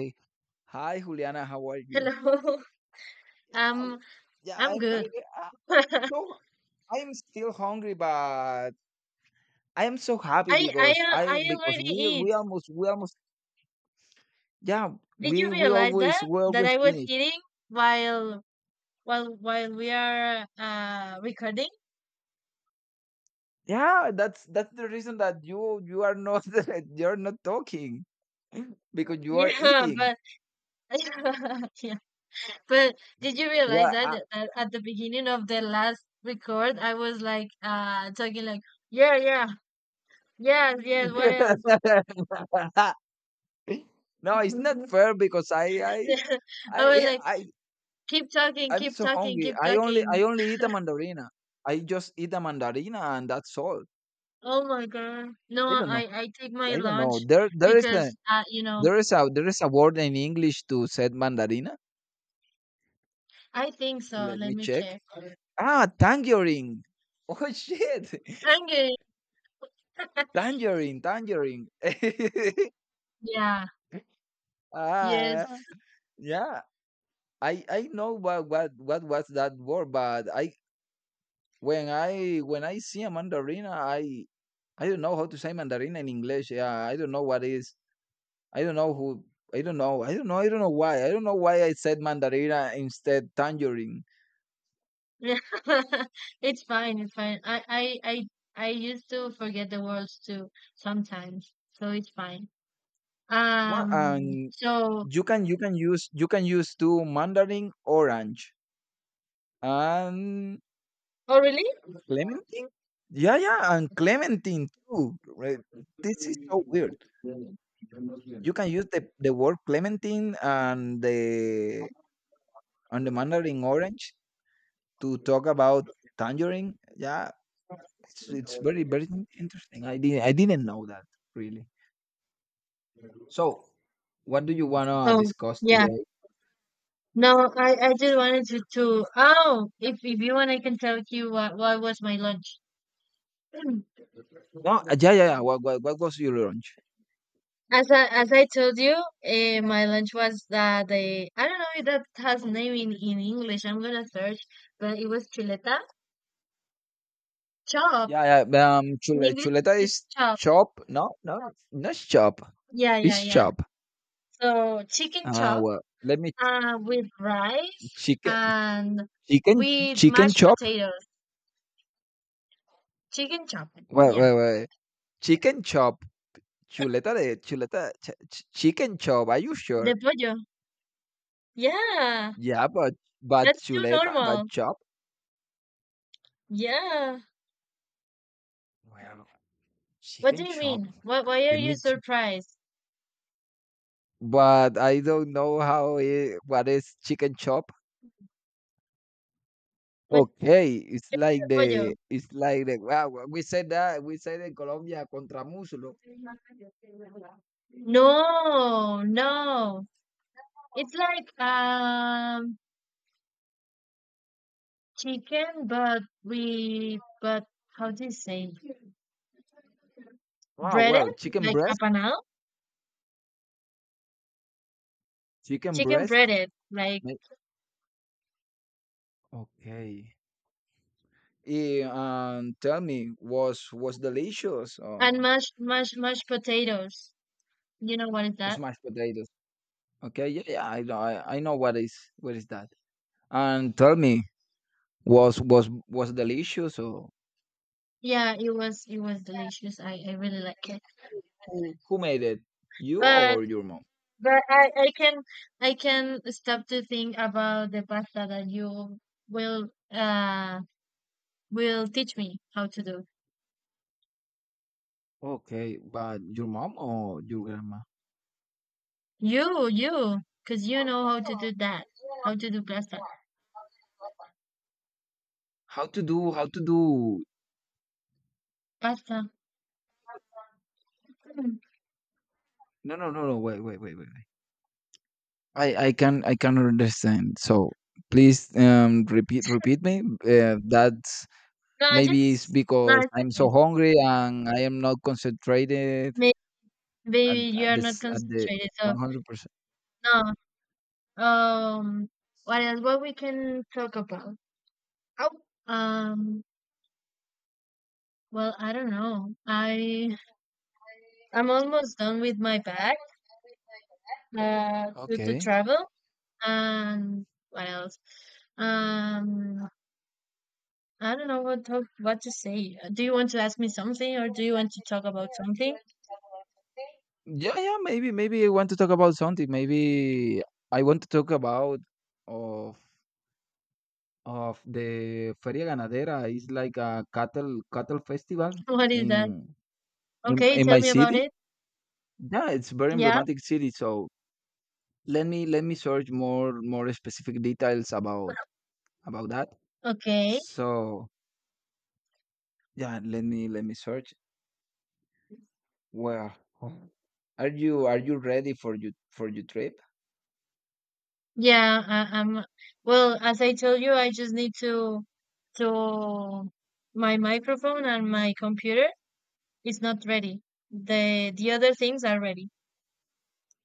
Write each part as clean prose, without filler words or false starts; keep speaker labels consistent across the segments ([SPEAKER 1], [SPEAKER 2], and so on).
[SPEAKER 1] Hey, hi Juliana, how are you?
[SPEAKER 2] Hello.
[SPEAKER 1] Uh,
[SPEAKER 2] Um,
[SPEAKER 1] yeah,
[SPEAKER 2] I'm
[SPEAKER 1] I'm very
[SPEAKER 2] good.
[SPEAKER 1] uh,
[SPEAKER 2] I
[SPEAKER 1] so I'm still hungry, but I am so happy
[SPEAKER 2] I
[SPEAKER 1] because
[SPEAKER 2] al-
[SPEAKER 1] I
[SPEAKER 2] I
[SPEAKER 1] because
[SPEAKER 2] already
[SPEAKER 1] we
[SPEAKER 2] eat.
[SPEAKER 1] we almost we almost yeah
[SPEAKER 2] Did you
[SPEAKER 1] we we
[SPEAKER 2] realize
[SPEAKER 1] always
[SPEAKER 2] that
[SPEAKER 1] we
[SPEAKER 2] that
[SPEAKER 1] always
[SPEAKER 2] I was
[SPEAKER 1] finish.
[SPEAKER 2] eating while while we are recording?
[SPEAKER 1] Yeah, that's the reason that you are not you're not talking because you are
[SPEAKER 2] Yeah,
[SPEAKER 1] eating.
[SPEAKER 2] but yeah. But did you realize
[SPEAKER 1] Well,
[SPEAKER 2] that,
[SPEAKER 1] I-
[SPEAKER 2] that that at the beginning of the last record I was like talking like yeah, yeah, yes, yes, what else?
[SPEAKER 1] no, it's not fair because I I
[SPEAKER 2] I was
[SPEAKER 1] I
[SPEAKER 2] like
[SPEAKER 1] I
[SPEAKER 2] keep talking,
[SPEAKER 1] I'm
[SPEAKER 2] keep
[SPEAKER 1] so
[SPEAKER 2] talking,
[SPEAKER 1] hungry.
[SPEAKER 2] keep
[SPEAKER 1] I only
[SPEAKER 2] talking.
[SPEAKER 1] I only eat a mandarina. I just eat a mandarina and that's all.
[SPEAKER 2] Oh my God. No,
[SPEAKER 1] I don't know.
[SPEAKER 2] I take my
[SPEAKER 1] I don't know.
[SPEAKER 2] lunch
[SPEAKER 1] There there is a
[SPEAKER 2] because
[SPEAKER 1] there is a there is a word in English to said mandarina.
[SPEAKER 2] I think so.
[SPEAKER 1] Let
[SPEAKER 2] Let
[SPEAKER 1] me
[SPEAKER 2] me
[SPEAKER 1] check.
[SPEAKER 2] check.
[SPEAKER 1] Ah, tangerine. Oh shit.
[SPEAKER 2] Hungry.
[SPEAKER 1] Tangerine, tangerine.
[SPEAKER 2] Yeah. Yes.
[SPEAKER 1] ah, yeah. I know what was that word, but I when I when I see a mandarina, I don't know how to say mandarina in English. Yeah, I don't know what is. I don't know who. I don't know why. I don't know why I said mandarina instead tangerine.
[SPEAKER 2] It's fine. It's fine. I I I used to forget the words too sometimes. So it's fine.
[SPEAKER 1] What?
[SPEAKER 2] Um
[SPEAKER 1] And
[SPEAKER 2] so
[SPEAKER 1] you can use two mandarin orange and
[SPEAKER 2] oh really?
[SPEAKER 1] clementine. Yeah, yeah, and clementine too. Right? This is so weird. You can use the word clementine and the mandarin orange to talk about tangerine. Yeah, it's very very interesting. I didn't know that really. So what do you wanna
[SPEAKER 2] Oh
[SPEAKER 1] discuss
[SPEAKER 2] yeah.
[SPEAKER 1] today?
[SPEAKER 2] No, I just wanted to oh if you want I can tell you what was my lunch.
[SPEAKER 1] No, yeah, yeah, yeah. What was your lunch?
[SPEAKER 2] As I told you, my lunch was that the I don't know if that has name in English. I'm gonna search, but it was chuleta chop.
[SPEAKER 1] Yeah, yeah.
[SPEAKER 2] In English,
[SPEAKER 1] Chuleta
[SPEAKER 2] it's
[SPEAKER 1] is
[SPEAKER 2] chop.
[SPEAKER 1] chop. No, no, not chop.
[SPEAKER 2] Yeah, yeah,
[SPEAKER 1] It's
[SPEAKER 2] yeah.
[SPEAKER 1] chop.
[SPEAKER 2] So chicken
[SPEAKER 1] Uh,
[SPEAKER 2] chop,
[SPEAKER 1] well, let me
[SPEAKER 2] with rice
[SPEAKER 1] chicken,
[SPEAKER 2] and
[SPEAKER 1] chicken,
[SPEAKER 2] with
[SPEAKER 1] chicken
[SPEAKER 2] mashed
[SPEAKER 1] chop.
[SPEAKER 2] potatoes. Chicken chop.
[SPEAKER 1] Wait,
[SPEAKER 2] Yeah.
[SPEAKER 1] wait, wait. Chicken chop. Chuleta de chuleta. Chicken chop. Are you
[SPEAKER 2] De
[SPEAKER 1] sure?
[SPEAKER 2] pollo. Yeah.
[SPEAKER 1] Yeah, but
[SPEAKER 2] That's too
[SPEAKER 1] chuleta, but
[SPEAKER 2] normal.
[SPEAKER 1] chop.
[SPEAKER 2] Yeah.
[SPEAKER 1] Well,
[SPEAKER 2] What
[SPEAKER 1] chicken
[SPEAKER 2] do you
[SPEAKER 1] chop.
[SPEAKER 2] mean? Why are
[SPEAKER 1] Let
[SPEAKER 2] you
[SPEAKER 1] me. ch-
[SPEAKER 2] surprised?
[SPEAKER 1] But I don't know how it, what is chicken chop.
[SPEAKER 2] What's de
[SPEAKER 1] Okay, it's like
[SPEAKER 2] pollo?
[SPEAKER 1] the wow, we said in Colombia contra muslo.
[SPEAKER 2] No, no. It's like chicken, but we but how do you say
[SPEAKER 1] Wow,
[SPEAKER 2] breaded?
[SPEAKER 1] well,
[SPEAKER 2] Like apanado?
[SPEAKER 1] chicken
[SPEAKER 2] Chicken
[SPEAKER 1] breast.
[SPEAKER 2] breaded, like.
[SPEAKER 1] ma- Okay. Tell me, was delicious?
[SPEAKER 2] And mashed potatoes. You know what is that?
[SPEAKER 1] Smashed potatoes. Okay, yeah, yeah, I know what is that. And tell me, was delicious or
[SPEAKER 2] Yeah, it was delicious. I really like it.
[SPEAKER 1] who made it? You
[SPEAKER 2] But
[SPEAKER 1] or your mom?
[SPEAKER 2] but I can stop to think about the pasta that you will uh will teach me how to do.
[SPEAKER 1] Okay, but your mom or your grandma?
[SPEAKER 2] You, because you know how to do that, how to do pasta
[SPEAKER 1] How to do?
[SPEAKER 2] pasta. Mm.
[SPEAKER 1] No, no, no, no. Wait, wait. I can understand. So please, repeat me. That's
[SPEAKER 2] No,
[SPEAKER 1] maybe it's
[SPEAKER 2] just no,
[SPEAKER 1] because
[SPEAKER 2] it's
[SPEAKER 1] I'm so
[SPEAKER 2] okay.
[SPEAKER 1] hungry and I am not concentrated
[SPEAKER 2] May-
[SPEAKER 1] at,
[SPEAKER 2] Maybe you
[SPEAKER 1] at
[SPEAKER 2] are not
[SPEAKER 1] this at the
[SPEAKER 2] concentrated. So
[SPEAKER 1] 100%.
[SPEAKER 2] no. Um, what else? What we can talk about? Oh, um. Well, I don't know. I'm almost done with my bag. To
[SPEAKER 1] Okay.
[SPEAKER 2] travel and what else? Um, I don't know what to say. Do you want to ask me something, or do you want to talk about something?
[SPEAKER 1] Yeah, yeah. Maybe I want to talk about something. Maybe I want to talk about of of the Feria Ganadera. It's like a cattle festival
[SPEAKER 2] What is
[SPEAKER 1] in
[SPEAKER 2] that? Okay,
[SPEAKER 1] in
[SPEAKER 2] tell
[SPEAKER 1] my
[SPEAKER 2] me about
[SPEAKER 1] city.
[SPEAKER 2] it.
[SPEAKER 1] Yeah, it's very
[SPEAKER 2] Yeah.
[SPEAKER 1] emblematic city. So let me search more specific details about that.
[SPEAKER 2] Okay.
[SPEAKER 1] So yeah, let me search. Well, are you ready for your trip?
[SPEAKER 2] Yeah, I, I'm well, as I told you, I just need to my microphone and my computer is not ready. The other things are ready.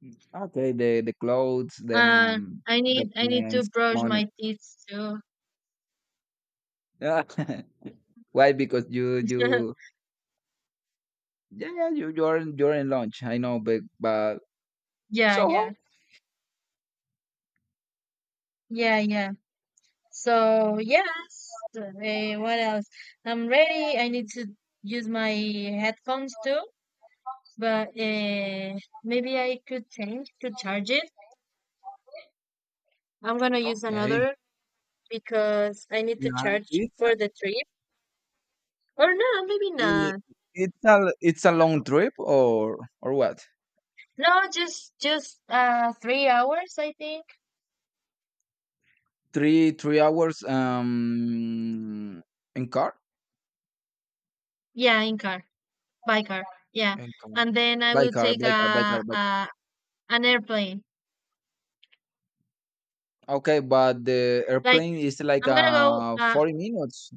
[SPEAKER 1] Mm. Okay, the clothes, the
[SPEAKER 2] Uh, I need to
[SPEAKER 1] documents,
[SPEAKER 2] brush
[SPEAKER 1] money.
[SPEAKER 2] my teeth too.
[SPEAKER 1] Why? Because you you. Yeah, yeah, you, you're in lunch. I know, but
[SPEAKER 2] Yeah, yeah.
[SPEAKER 1] Soho.
[SPEAKER 2] Yeah, so, yeah. So, yes. What else? I'm ready. I need to use my headphones too, but maybe I could change to charge it. I'm gonna use
[SPEAKER 1] Okay.
[SPEAKER 2] another because I need to
[SPEAKER 1] Yeah,
[SPEAKER 2] charge
[SPEAKER 1] it's a,
[SPEAKER 2] for the trip. Or no, maybe
[SPEAKER 1] i-
[SPEAKER 2] not.
[SPEAKER 1] it's a it's a long trip or what?
[SPEAKER 2] No, just 3 hours, I think.
[SPEAKER 1] Three three hours in car
[SPEAKER 2] Yeah, in car, by car. Yeah,
[SPEAKER 1] in car
[SPEAKER 2] and then I
[SPEAKER 1] by
[SPEAKER 2] will
[SPEAKER 1] car
[SPEAKER 2] take
[SPEAKER 1] by car by car by car.
[SPEAKER 2] a an airplane.
[SPEAKER 1] Okay, but the
[SPEAKER 2] Like
[SPEAKER 1] airplane is like
[SPEAKER 2] I'm gonna go.
[SPEAKER 1] 40 minutes.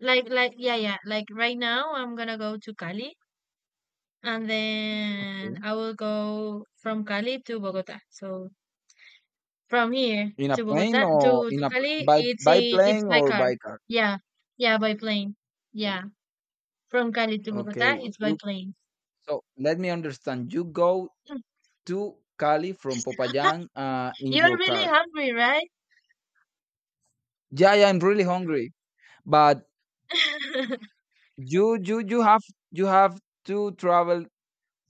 [SPEAKER 2] like, yeah, yeah. Like right now, I'm gonna go to Cali, and then
[SPEAKER 1] Okay,
[SPEAKER 2] I will go from Cali to Bogota. So from here
[SPEAKER 1] in a
[SPEAKER 2] to
[SPEAKER 1] plane
[SPEAKER 2] Bogota
[SPEAKER 1] or
[SPEAKER 2] to
[SPEAKER 1] in
[SPEAKER 2] to
[SPEAKER 1] a
[SPEAKER 2] Cali, it's
[SPEAKER 1] by
[SPEAKER 2] a it's
[SPEAKER 1] plane
[SPEAKER 2] by
[SPEAKER 1] or
[SPEAKER 2] car.
[SPEAKER 1] by car.
[SPEAKER 2] Yeah, yeah, by plane.
[SPEAKER 1] Yeah.
[SPEAKER 2] Yeah. From Cali to Bogota,
[SPEAKER 1] Okay,
[SPEAKER 2] it's by
[SPEAKER 1] you
[SPEAKER 2] plane.
[SPEAKER 1] so let me understand. You go to Cali from Popayán, in
[SPEAKER 2] You're
[SPEAKER 1] your
[SPEAKER 2] really
[SPEAKER 1] car.
[SPEAKER 2] hungry, right?
[SPEAKER 1] Yeah, yeah, I'm really hungry, but you have you have to travel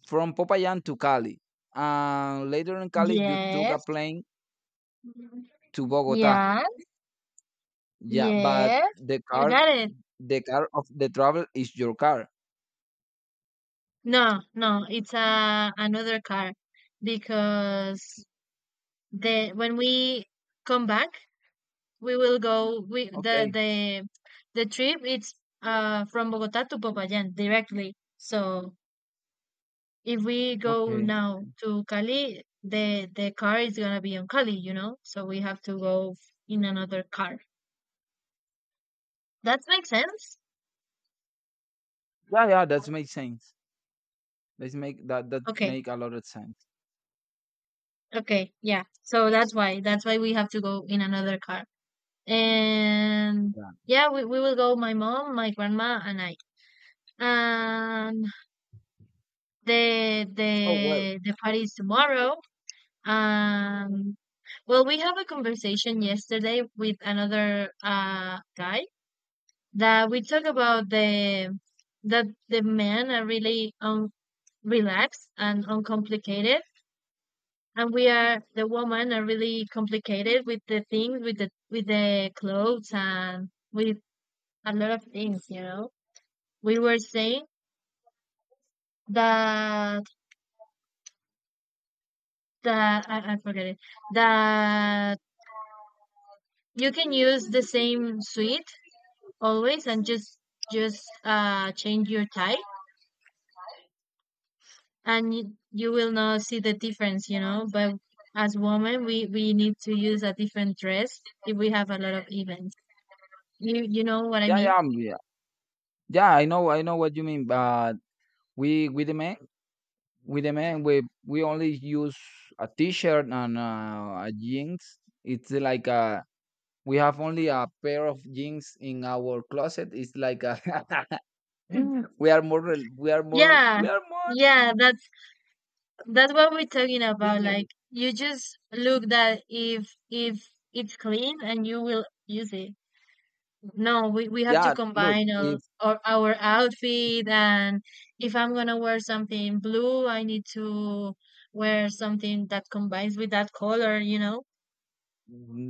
[SPEAKER 1] from Popayán to Cali, and later in Cali you took a
[SPEAKER 2] Yes.
[SPEAKER 1] plane to Bogota.
[SPEAKER 2] Yeah.
[SPEAKER 1] Yeah, but
[SPEAKER 2] Yes. You got it.
[SPEAKER 1] the car of the travel is your car.
[SPEAKER 2] No, no, it's another car because the when we come back, we will go. We
[SPEAKER 1] Okay,
[SPEAKER 2] the trip it's from Bogota to Popayán directly. So if we go now
[SPEAKER 1] okay.
[SPEAKER 2] to Cali, the car is gonna be on Cali, you know? So we have to go in another car. That makes sense?
[SPEAKER 1] Yeah, yeah, that makes sense. That
[SPEAKER 2] Okay.
[SPEAKER 1] make a lot of sense.
[SPEAKER 2] Okay. Yeah. So that's why. That's why we have to go in another car. And
[SPEAKER 1] Yeah.
[SPEAKER 2] yeah, we will go my mom, my grandma and I. And the
[SPEAKER 1] So well.
[SPEAKER 2] the the party is tomorrow. Um well, we have a conversation yesterday with another guy that we talk about the that the men are really relaxed and uncomplicated, and we are the women are really complicated with the things with the clothes, and with a lot of things, you know. We were saying that that I forget it, that you can use the same suit always, and just change your type, and you will not see the difference, you know. But as women, we need to use a different dress if we have a lot of events. You know what I
[SPEAKER 1] Yeah,
[SPEAKER 2] mean?
[SPEAKER 1] yeah, yeah. I know what you mean, but we demand with the men we only use a t-shirt and a jeans. It's like a we have only a pair of jeans in our closet, it's like a
[SPEAKER 2] Mm.
[SPEAKER 1] we are more
[SPEAKER 2] Yeah,
[SPEAKER 1] we are more
[SPEAKER 2] yeah. That's what we're talking
[SPEAKER 1] yeah,
[SPEAKER 2] about.
[SPEAKER 1] yeah
[SPEAKER 2] Like you just look that if it's clean and you will use it. No, we have to
[SPEAKER 1] yeah, look
[SPEAKER 2] combine our,
[SPEAKER 1] if
[SPEAKER 2] our our outfit, and if I'm gonna wear something blue, I need to wear something that combines with that color, you know?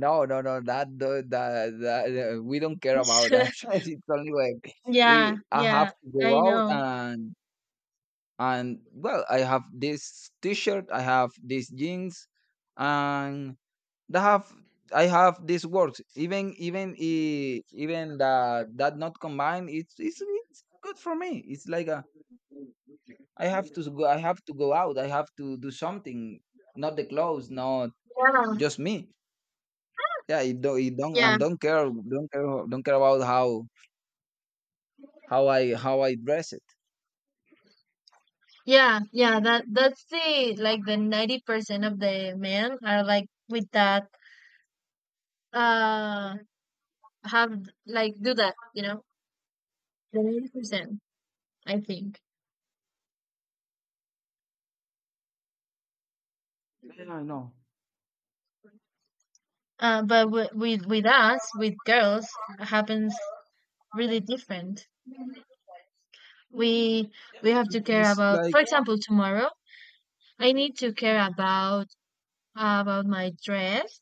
[SPEAKER 1] no no no that the that, that we don't care about that. It's only when
[SPEAKER 2] Yeah,
[SPEAKER 1] I have
[SPEAKER 2] yeah,
[SPEAKER 1] to go
[SPEAKER 2] I
[SPEAKER 1] out
[SPEAKER 2] know.
[SPEAKER 1] and well I have this t-shirt I have these jeans and that have I have these works. Even that that not combined, it's good for me. It's like a I have to go. I have to go out. I have to do something. Not the clothes. Not
[SPEAKER 2] Yeah,
[SPEAKER 1] just me. Yeah, it don't
[SPEAKER 2] yeah,
[SPEAKER 1] and don't care about how how I dress it.
[SPEAKER 2] yeah, yeah. That's the like, the 90% of the men are like with that, uh have, like, do that, you know? The 90%, I think.
[SPEAKER 1] Yeah, I know.
[SPEAKER 2] But with us, with girls, happens really different. We we have to care
[SPEAKER 1] It's
[SPEAKER 2] about,
[SPEAKER 1] like
[SPEAKER 2] for example, tomorrow, I need to care about my dress,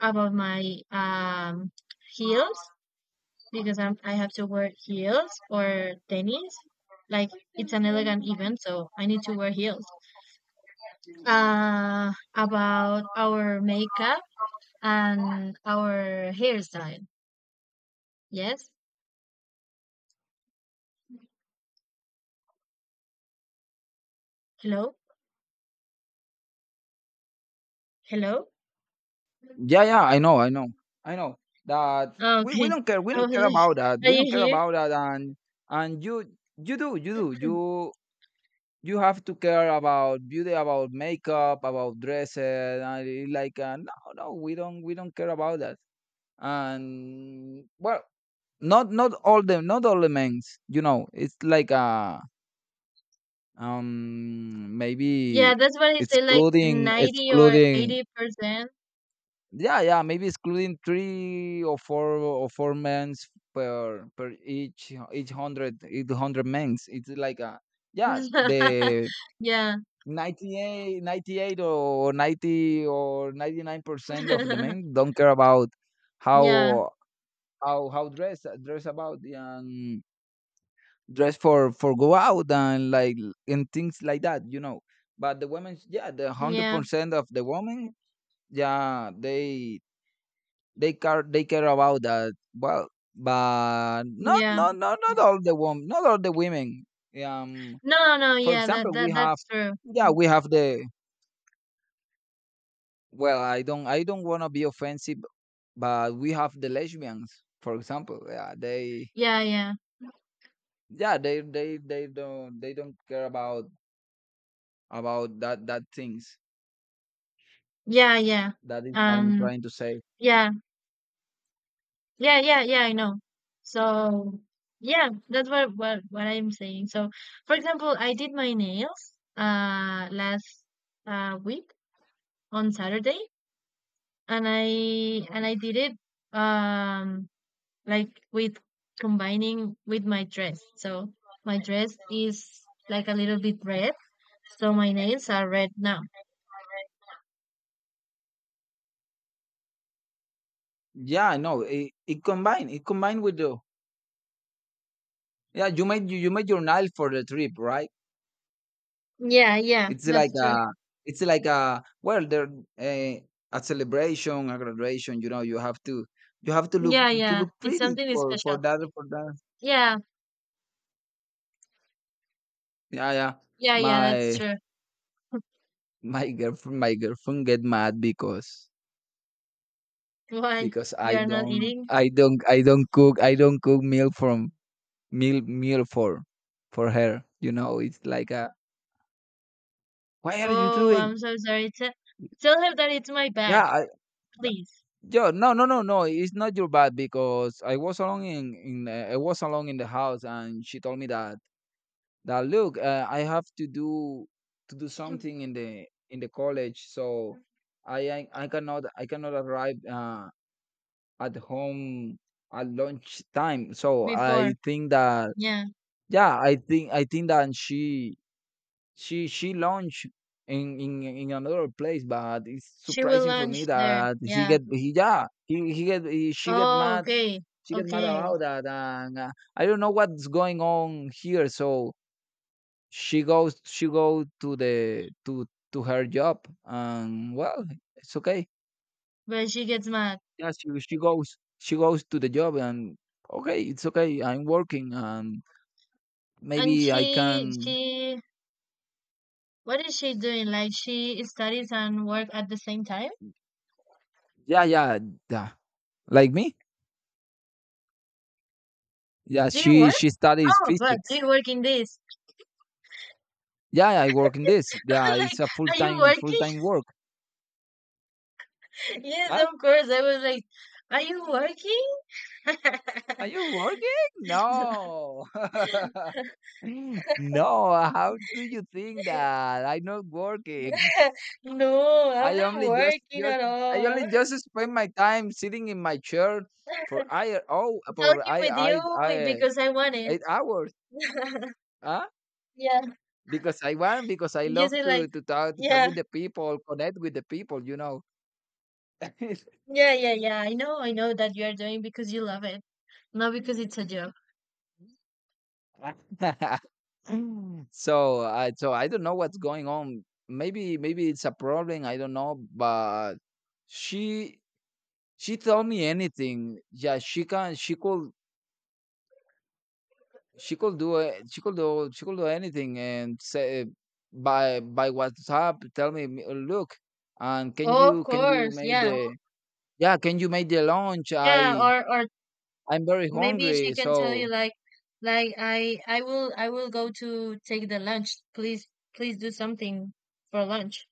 [SPEAKER 2] about my heels because I have to wear heels or tennis. Like it's an elegant event, so I need to wear heels. About our makeup and our hairstyle. Yes. Hello. Hello.
[SPEAKER 1] yeah yeah I know that
[SPEAKER 2] Oh,
[SPEAKER 1] we,
[SPEAKER 2] okay.
[SPEAKER 1] we
[SPEAKER 2] I
[SPEAKER 1] don't
[SPEAKER 2] was
[SPEAKER 1] care
[SPEAKER 2] like,
[SPEAKER 1] about that
[SPEAKER 2] are you here?
[SPEAKER 1] and you you have to care about beauty about makeup about dresses and it like no no we don't care about that and well not not all them not all the men's, you know, it's like maybe
[SPEAKER 2] Yeah, that's what he said, like 90 or
[SPEAKER 1] excluding
[SPEAKER 2] 80%.
[SPEAKER 1] yeah yeah maybe excluding three or four men's per each hundred men's, it's like a yeah the
[SPEAKER 2] Yeah.
[SPEAKER 1] 98 98, or 90 or 99% of the men don't care about
[SPEAKER 2] Yeah.
[SPEAKER 1] how dress dress about and dress for go out and like and things like that, you know, but the women yeah the
[SPEAKER 2] Yeah.
[SPEAKER 1] 100% of the women yeah they they care about that well but
[SPEAKER 2] Yeah.
[SPEAKER 1] not all the women um
[SPEAKER 2] No, no, no,
[SPEAKER 1] for
[SPEAKER 2] yeah, that
[SPEAKER 1] example we
[SPEAKER 2] that
[SPEAKER 1] have
[SPEAKER 2] that's true.
[SPEAKER 1] yeah we have the well, I don't want to be offensive, but we have the lesbians, for example. Yeah,
[SPEAKER 2] Yeah, yeah.
[SPEAKER 1] they don't care about that things.
[SPEAKER 2] Yeah, yeah.
[SPEAKER 1] That is I'm
[SPEAKER 2] Um,
[SPEAKER 1] trying to say.
[SPEAKER 2] yeah. Yeah, yeah, yeah, I know. So, yeah, that's what I'm saying. So, for example, I did my nails last week on Saturday, and I and I did it, um like, with combining with my dress. So, my dress is like a little bit red, so my nails are red now.
[SPEAKER 1] Yeah, no, it combined. It combined with the yeah, you, you made your Nile for the trip, right?
[SPEAKER 2] Yeah, yeah,
[SPEAKER 1] It's like
[SPEAKER 2] that's true.
[SPEAKER 1] a well there a, a celebration, a graduation, you know, you have to look
[SPEAKER 2] Yeah,
[SPEAKER 1] to
[SPEAKER 2] yeah.
[SPEAKER 1] look
[SPEAKER 2] It's
[SPEAKER 1] pretty
[SPEAKER 2] something
[SPEAKER 1] for
[SPEAKER 2] special.
[SPEAKER 1] for that.
[SPEAKER 2] Yeah,
[SPEAKER 1] Yeah, yeah.
[SPEAKER 2] yeah, yeah, that's
[SPEAKER 1] My
[SPEAKER 2] true.
[SPEAKER 1] My girlfriend get mad because
[SPEAKER 2] Why you
[SPEAKER 1] I
[SPEAKER 2] are not
[SPEAKER 1] don't
[SPEAKER 2] eating?
[SPEAKER 1] I don't cook meal for her. You know, it's like a, why are you
[SPEAKER 2] Oh,
[SPEAKER 1] doing?
[SPEAKER 2] I'm so sorry. Tell her that it's my
[SPEAKER 1] Yeah,
[SPEAKER 2] bad,
[SPEAKER 1] I,
[SPEAKER 2] please.
[SPEAKER 1] yo, no. It's not your bad because I was alone in I was alone in the house and she told me that that look, I have to do something in the college, so I cannot arrive at home at lunch time. So
[SPEAKER 2] Before,
[SPEAKER 1] I think that
[SPEAKER 2] yeah,
[SPEAKER 1] yeah, I think that she launched in another place, but it's
[SPEAKER 2] she will
[SPEAKER 1] surprising for me
[SPEAKER 2] lunch there.
[SPEAKER 1] that he
[SPEAKER 2] Yeah.
[SPEAKER 1] get he yeah she get
[SPEAKER 2] Oh,
[SPEAKER 1] mad
[SPEAKER 2] okay, okay.
[SPEAKER 1] about that and I don't know what's going on here. So she go to the to her job and well it's okay.
[SPEAKER 2] But she gets mad,
[SPEAKER 1] Yeah, she goes to the job and okay, it's okay. I'm working and
[SPEAKER 2] and
[SPEAKER 1] maybe I can.
[SPEAKER 2] she what is she doing? Like she studies and work at the same time?
[SPEAKER 1] Yeah, yeah, yeah. Like me. Yeah,
[SPEAKER 2] Do you work?
[SPEAKER 1] she studies
[SPEAKER 2] Oh, but
[SPEAKER 1] physics.
[SPEAKER 2] do you work in this?
[SPEAKER 1] Yeah, I work in this. Yeah,
[SPEAKER 2] Like,
[SPEAKER 1] it's a
[SPEAKER 2] are you
[SPEAKER 1] full
[SPEAKER 2] working?
[SPEAKER 1] time work.
[SPEAKER 2] Yes,
[SPEAKER 1] Huh?
[SPEAKER 2] of course. I was like, are you working?
[SPEAKER 1] Are you working? No. No. How do you think that I'm not working?
[SPEAKER 2] No, I'm
[SPEAKER 1] I
[SPEAKER 2] not
[SPEAKER 1] only just
[SPEAKER 2] working
[SPEAKER 1] just
[SPEAKER 2] at
[SPEAKER 1] I
[SPEAKER 2] all.
[SPEAKER 1] only just spend my time sitting in my chair for I oh for
[SPEAKER 2] Talking with you,
[SPEAKER 1] I
[SPEAKER 2] because I want it.
[SPEAKER 1] 8 hours, huh?
[SPEAKER 2] Yeah,
[SPEAKER 1] Because I want, because I
[SPEAKER 2] you
[SPEAKER 1] love
[SPEAKER 2] say like,
[SPEAKER 1] to talk
[SPEAKER 2] yeah,
[SPEAKER 1] with the people, connect with the people, you know.
[SPEAKER 2] yeah, yeah, yeah. I know that you are doing because you love it, not because it's a job.
[SPEAKER 1] So I don't know what's going on. Maybe it's a problem, I don't know, but she she told me anything. Yeah, she can she could do it. She could do anything and say by WhatsApp tell me, "M- "Look, and can
[SPEAKER 2] Oh, of
[SPEAKER 1] you
[SPEAKER 2] course,
[SPEAKER 1] make
[SPEAKER 2] yeah,
[SPEAKER 1] the yeah, can you make the lunch?
[SPEAKER 2] yeah.
[SPEAKER 1] I
[SPEAKER 2] Or
[SPEAKER 1] I'm very
[SPEAKER 2] maybe she
[SPEAKER 1] hungry,
[SPEAKER 2] can tell you
[SPEAKER 1] so
[SPEAKER 2] like, I will go to take the lunch. Please, please do something for lunch.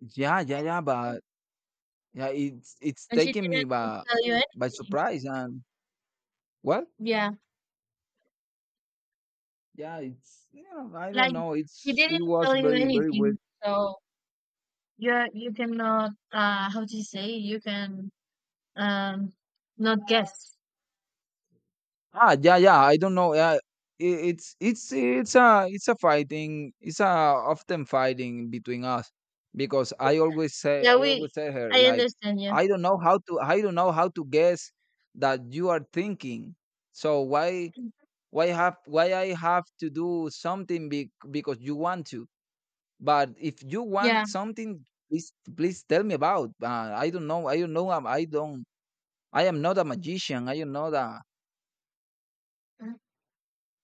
[SPEAKER 1] yeah, but yeah, it's
[SPEAKER 2] And she
[SPEAKER 1] taking me
[SPEAKER 2] didn't tell you
[SPEAKER 1] by
[SPEAKER 2] anything.
[SPEAKER 1] surprise and well,
[SPEAKER 2] Yeah.
[SPEAKER 1] yeah, it's you know, I don't
[SPEAKER 2] Like
[SPEAKER 1] know,
[SPEAKER 2] she
[SPEAKER 1] it's
[SPEAKER 2] didn't
[SPEAKER 1] it was
[SPEAKER 2] tell you
[SPEAKER 1] very very weird.
[SPEAKER 2] anything, so you cannot, how do you say, you can um not guess.
[SPEAKER 1] Ah, yeah, yeah, I don't know. Yeah, it's a it's a fighting, it's a often fighting between us because I always say
[SPEAKER 2] Yeah,
[SPEAKER 1] I
[SPEAKER 2] we
[SPEAKER 1] always tell her
[SPEAKER 2] I
[SPEAKER 1] like
[SPEAKER 2] understand you.
[SPEAKER 1] I don't know how to I don't know how to guess that you are thinking. So why I have to do something, because you want to? But if you
[SPEAKER 2] Yeah,
[SPEAKER 1] want something, please tell me about. I don't know, I am not a magician, I don't know that.
[SPEAKER 2] Uh,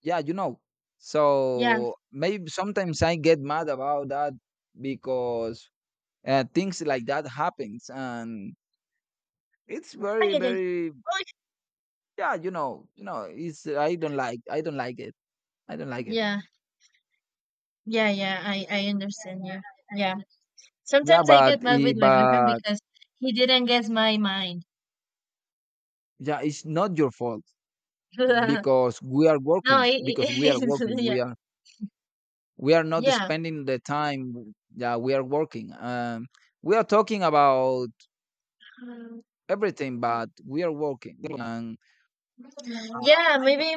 [SPEAKER 1] Yeah,
[SPEAKER 2] yeah,
[SPEAKER 1] so maybe sometimes I get mad about that, because things like that happens, and it's
[SPEAKER 2] ay,
[SPEAKER 1] very,
[SPEAKER 2] ay, ay.
[SPEAKER 1] very...
[SPEAKER 2] Oy.
[SPEAKER 1] Yeah, you know it's I don't like, I don't like it. I don't like it.
[SPEAKER 2] Yeah, yeah, yeah. I understand you. Yeah.
[SPEAKER 1] Yeah,
[SPEAKER 2] Sometimes I get
[SPEAKER 1] but
[SPEAKER 2] mad with my boyfriend because he didn't guess my mind.
[SPEAKER 1] yeah, it's not your fault,
[SPEAKER 2] no,
[SPEAKER 1] because
[SPEAKER 2] it,
[SPEAKER 1] we are working,
[SPEAKER 2] it's yeah,
[SPEAKER 1] we are not
[SPEAKER 2] yeah,
[SPEAKER 1] spending the time that we are working. We are talking about everything, but we are working. And
[SPEAKER 2] yeah. Maybe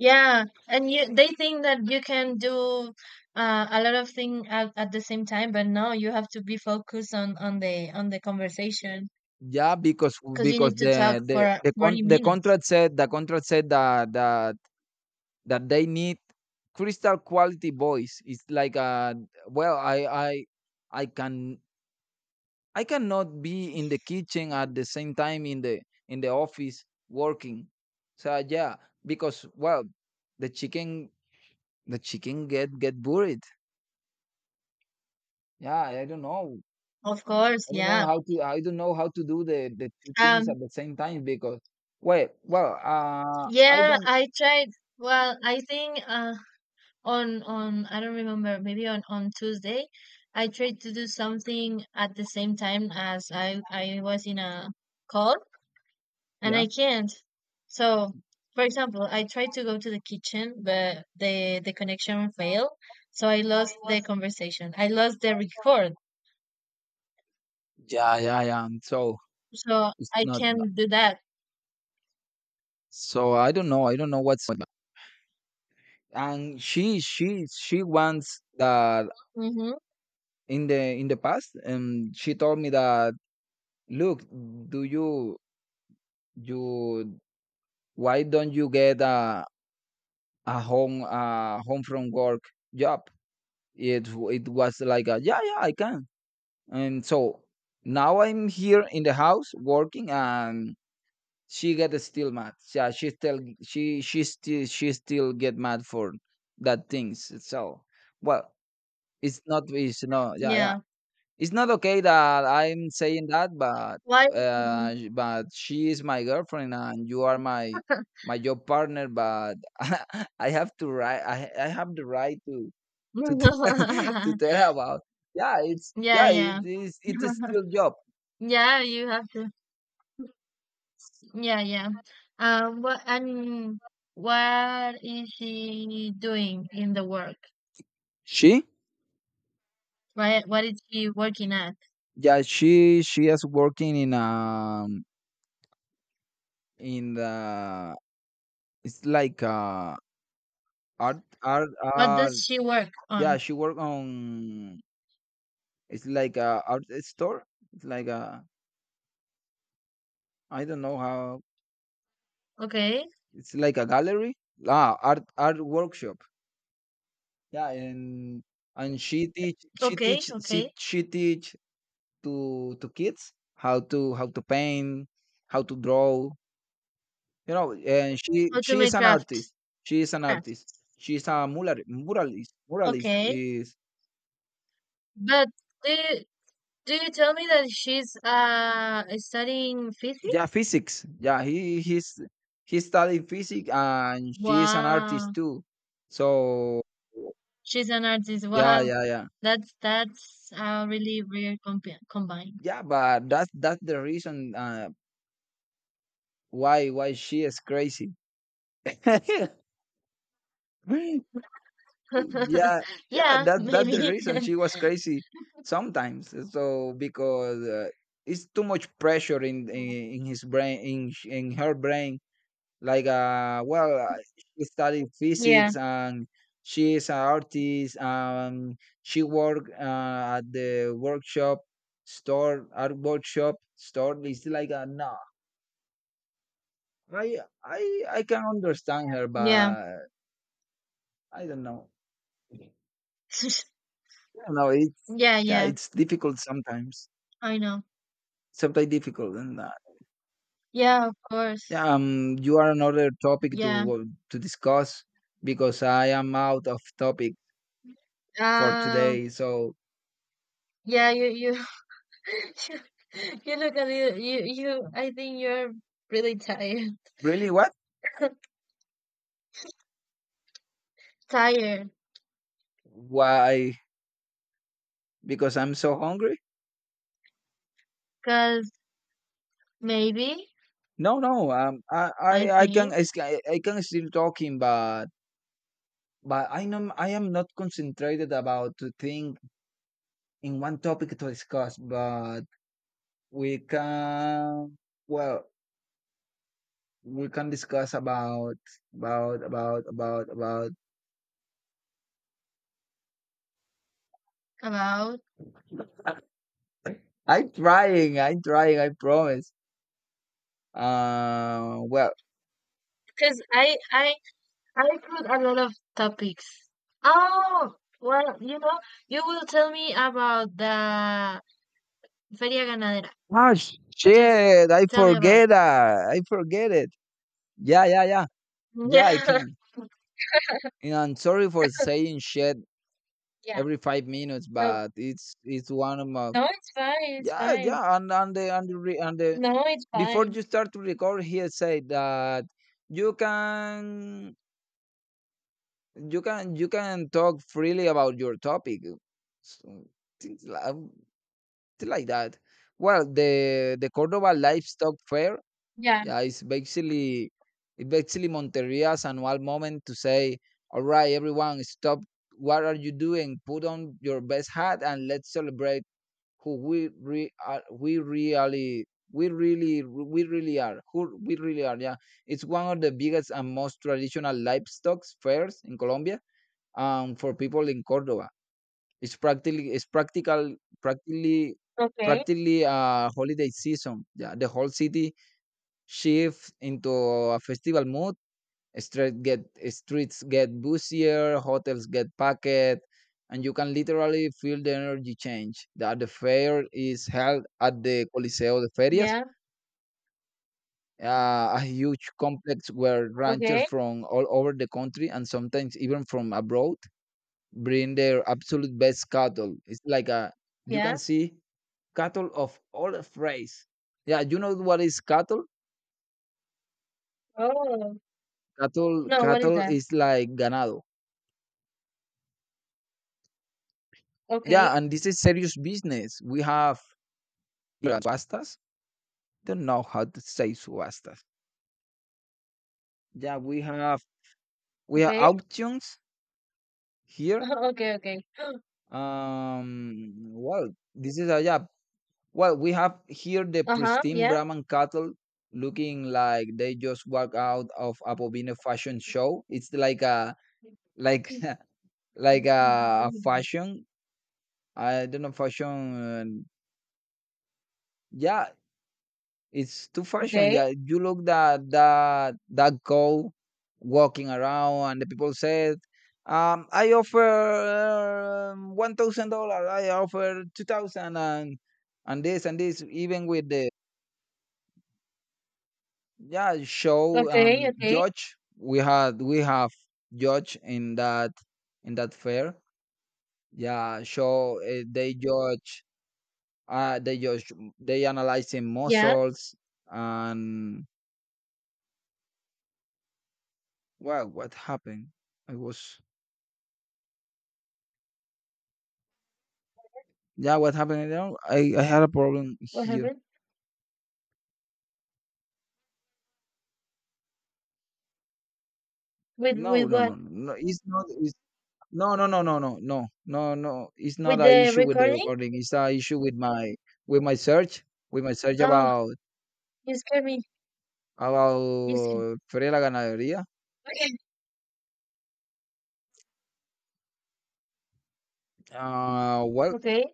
[SPEAKER 2] yeah, and you they think that you can do, a lot of things at the same time, but no, you have to be focused on the conversation
[SPEAKER 1] yeah, because
[SPEAKER 2] because you need to talk for 40
[SPEAKER 1] the
[SPEAKER 2] minutes.
[SPEAKER 1] contract said, that that they need crystal quality voice. It's like, well i i i can I cannot be in the kitchen at the same time, in the office working. So yeah, because, well, the chicken the chicken get buried. Yeah, I don't know.
[SPEAKER 2] Of course,
[SPEAKER 1] I don't know
[SPEAKER 2] yeah.
[SPEAKER 1] how to I don't know how to do the two things
[SPEAKER 2] Um,
[SPEAKER 1] at the same time, because I
[SPEAKER 2] yeah,
[SPEAKER 1] don't...
[SPEAKER 2] I tried. Well, I think on I don't remember, maybe on Tuesday, I tried to do something at the same time as I was in a call, and
[SPEAKER 1] Yeah,
[SPEAKER 2] I can't. So, for example, I tried to go to the kitchen, but the connection failed, so I lost the conversation. I lost the record,
[SPEAKER 1] yeah, yeah, yeah. And so,
[SPEAKER 2] so
[SPEAKER 1] it's
[SPEAKER 2] I can't do that.
[SPEAKER 1] so I don't know what's. And she wants that,
[SPEAKER 2] Mm-hmm.
[SPEAKER 1] in the past, and she told me that, "Look, do you you why don't you get a home from work job?" It was like a, "Yeah, yeah, I can." And so now I'm here in the house working, and she get still mad. Yeah, she still, she still get mad for that things. So, well, it's not it's no yeah, yeah.
[SPEAKER 2] Yeah.
[SPEAKER 1] It's not okay that I'm saying that, but
[SPEAKER 2] Why?
[SPEAKER 1] but she is my girlfriend, and you are my job partner. But I have to, right. I have the right to to tell her about. Yeah, it's...
[SPEAKER 2] yeah,
[SPEAKER 1] yeah.
[SPEAKER 2] yeah,
[SPEAKER 1] It is still job.
[SPEAKER 2] yeah. You have to. Yeah, yeah. What? I mean, what is she doing in the work?
[SPEAKER 1] She...
[SPEAKER 2] Right? What is she working at?
[SPEAKER 1] yeah, she is working in, in the... It's like,
[SPEAKER 2] What does
[SPEAKER 1] art.
[SPEAKER 2] she work
[SPEAKER 1] Yeah,
[SPEAKER 2] on?
[SPEAKER 1] she work on, it's like a art store. It's like a... I don't know how.
[SPEAKER 2] Okay.
[SPEAKER 1] It's like a gallery. Ah, art workshop. Yeah, and
[SPEAKER 2] Okay, okay.
[SPEAKER 1] she teach to kids how to, paint, how to draw. You know, and
[SPEAKER 2] How to
[SPEAKER 1] she
[SPEAKER 2] make
[SPEAKER 1] is an artist.
[SPEAKER 2] craft,
[SPEAKER 1] She is an
[SPEAKER 2] craft.
[SPEAKER 1] artist. She's a muralist. Muralist
[SPEAKER 2] Okay.
[SPEAKER 1] is...
[SPEAKER 2] But do you, do you tell me that she's studying
[SPEAKER 1] yeah,
[SPEAKER 2] physics?
[SPEAKER 1] physics. Yeah, he studied physics, and she is an artist
[SPEAKER 2] Wow.
[SPEAKER 1] too. So
[SPEAKER 2] She's an artist.
[SPEAKER 1] yeah,
[SPEAKER 2] Wow.
[SPEAKER 1] yeah, yeah.
[SPEAKER 2] That's a really weird combine.
[SPEAKER 1] Yeah, but that's the reason, why she is crazy. Yeah, yeah,
[SPEAKER 2] Yeah,
[SPEAKER 1] that's the
[SPEAKER 2] maybe.
[SPEAKER 1] reason she was crazy sometimes. So, because it's too much pressure in, his brain, in her brain. Like, she studied
[SPEAKER 2] Yeah,
[SPEAKER 1] physics, and she is an artist. She work, at the workshop store, art workshop store. It's like a... no. I I I can understand her,
[SPEAKER 2] yeah.
[SPEAKER 1] but I don't know. I don't know. It's...
[SPEAKER 2] Yeah,
[SPEAKER 1] yeah,
[SPEAKER 2] yeah.
[SPEAKER 1] it's difficult sometimes.
[SPEAKER 2] I know.
[SPEAKER 1] Sometimes difficult, and
[SPEAKER 2] Yeah, of course.
[SPEAKER 1] yeah, you are another topic to,
[SPEAKER 2] Yeah.
[SPEAKER 1] to discuss, because I am out of topic for
[SPEAKER 2] Uh,
[SPEAKER 1] today. So,
[SPEAKER 2] yeah, you you you look at you, I think you're really tired.
[SPEAKER 1] really, what?
[SPEAKER 2] Tired,
[SPEAKER 1] Why? Because I'm so hungry?
[SPEAKER 2] because maybe
[SPEAKER 1] No, no.
[SPEAKER 2] I think
[SPEAKER 1] I can still talking, but I am, not concentrated about to think in one topic to discuss, but... We can... well, we can discuss about, about about about about
[SPEAKER 2] about,
[SPEAKER 1] I'm trying, I promise. uh well
[SPEAKER 2] because I put a lot of topics. Oh, well, you know, you will tell me about the Feria Ganadera.
[SPEAKER 1] ah,
[SPEAKER 2] Just
[SPEAKER 1] shit,
[SPEAKER 2] tell me about it.
[SPEAKER 1] I forget it. Yeah, yeah, yeah, yeah, I
[SPEAKER 2] Yeah,
[SPEAKER 1] can. And I'm sorry for saying shit
[SPEAKER 2] yeah.
[SPEAKER 1] every 5 minutes,
[SPEAKER 2] So,
[SPEAKER 1] but it's one of my...
[SPEAKER 2] no, it's fine, it's
[SPEAKER 1] Yeah,
[SPEAKER 2] fine.
[SPEAKER 1] yeah, and and the,
[SPEAKER 2] No, it's
[SPEAKER 1] before
[SPEAKER 2] fine.
[SPEAKER 1] you start to record, he said that you can you can talk freely about your topic, so, things like, things like that. Well, the Cordoba livestock fair,
[SPEAKER 2] Yeah,
[SPEAKER 1] yeah, it's basically, Monteria's annual moment to say, "All right, everyone, stop. What are you doing? Put on your best hat and let's celebrate who we re- are we really, we really are. Who we really are." Yeah, it's one of the biggest and most traditional livestock fairs in Colombia. For people in Cordoba, it's practically, it's practical practically
[SPEAKER 2] okay,
[SPEAKER 1] practically a holiday season. Yeah, the whole city shifts into a festival mood. Street get Streets get busier, hotels get packed, and you can literally feel the energy change. That the fair is held at the Coliseo de Ferias,
[SPEAKER 2] yeah,
[SPEAKER 1] a huge complex where ranchers
[SPEAKER 2] okay,
[SPEAKER 1] from all over the country, and sometimes even from abroad, bring their absolute best cattle. It's like a, you
[SPEAKER 2] yeah.
[SPEAKER 1] can see cattle of all race. Yeah, you know what is cattle?
[SPEAKER 2] Oh, no, what is
[SPEAKER 1] Cattle
[SPEAKER 2] that?
[SPEAKER 1] is like ganado. Yeah,
[SPEAKER 2] Okay,
[SPEAKER 1] and this is serious business. We have, yeah, subastas. Don't know how to say subastas. Yeah, we have
[SPEAKER 2] okay.
[SPEAKER 1] auctions here.
[SPEAKER 2] Okay, okay.
[SPEAKER 1] Well, this is a... yeah. Well, we have here the
[SPEAKER 2] Uh-huh,
[SPEAKER 1] pristine
[SPEAKER 2] yeah.
[SPEAKER 1] Brahman cattle, looking like they just walked out of a Bovino fashion show. It's like a, like, like a fashion. I don't know, fashion. uh, Yeah, it's too fashion.
[SPEAKER 2] Okay,
[SPEAKER 1] Yeah, you look that that cow walking around, and the people said, "I offer, $1,000. I offer 2,000, and this, and this." Even with the... yeah, show,
[SPEAKER 2] okay, okay.
[SPEAKER 1] judge. We have judge in that, fair. Yeah, show, they judge, uh they judge they analyzing
[SPEAKER 2] Yeah,
[SPEAKER 1] muscles, and... Well, what happened? I was... yeah, what happened? I don't I had a problem
[SPEAKER 2] what
[SPEAKER 1] here.
[SPEAKER 2] happened? With
[SPEAKER 1] No,
[SPEAKER 2] with
[SPEAKER 1] no,
[SPEAKER 2] what?
[SPEAKER 1] no, no, no, it's not, it's no, no, no, no, no, no, no, no, it's
[SPEAKER 2] With
[SPEAKER 1] not a
[SPEAKER 2] the
[SPEAKER 1] issue with the
[SPEAKER 2] recording?
[SPEAKER 1] recording, it's a issue with my, with my search with my search
[SPEAKER 2] Oh,
[SPEAKER 1] about...
[SPEAKER 2] you scared me. You scared.
[SPEAKER 1] about Feria de la Ganadería.
[SPEAKER 2] Okay,
[SPEAKER 1] Well,
[SPEAKER 2] okay.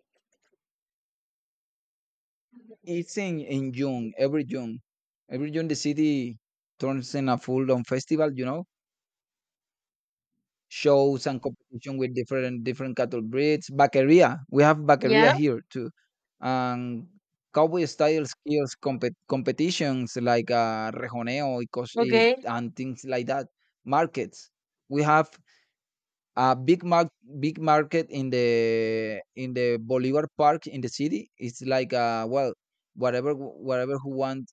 [SPEAKER 1] it's in June, every June. Every June, the city turns in a full-on festival, you know, shows and competition with different cattle breeds. Vaqueria, we have vaqueria
[SPEAKER 2] Yeah.
[SPEAKER 1] here too. And cowboy style skills competitions like, rejoneo y
[SPEAKER 2] Okay.
[SPEAKER 1] and things like that. Markets. We have a big mark big market in the, Bolivar Park in the city. It's like, whatever who want.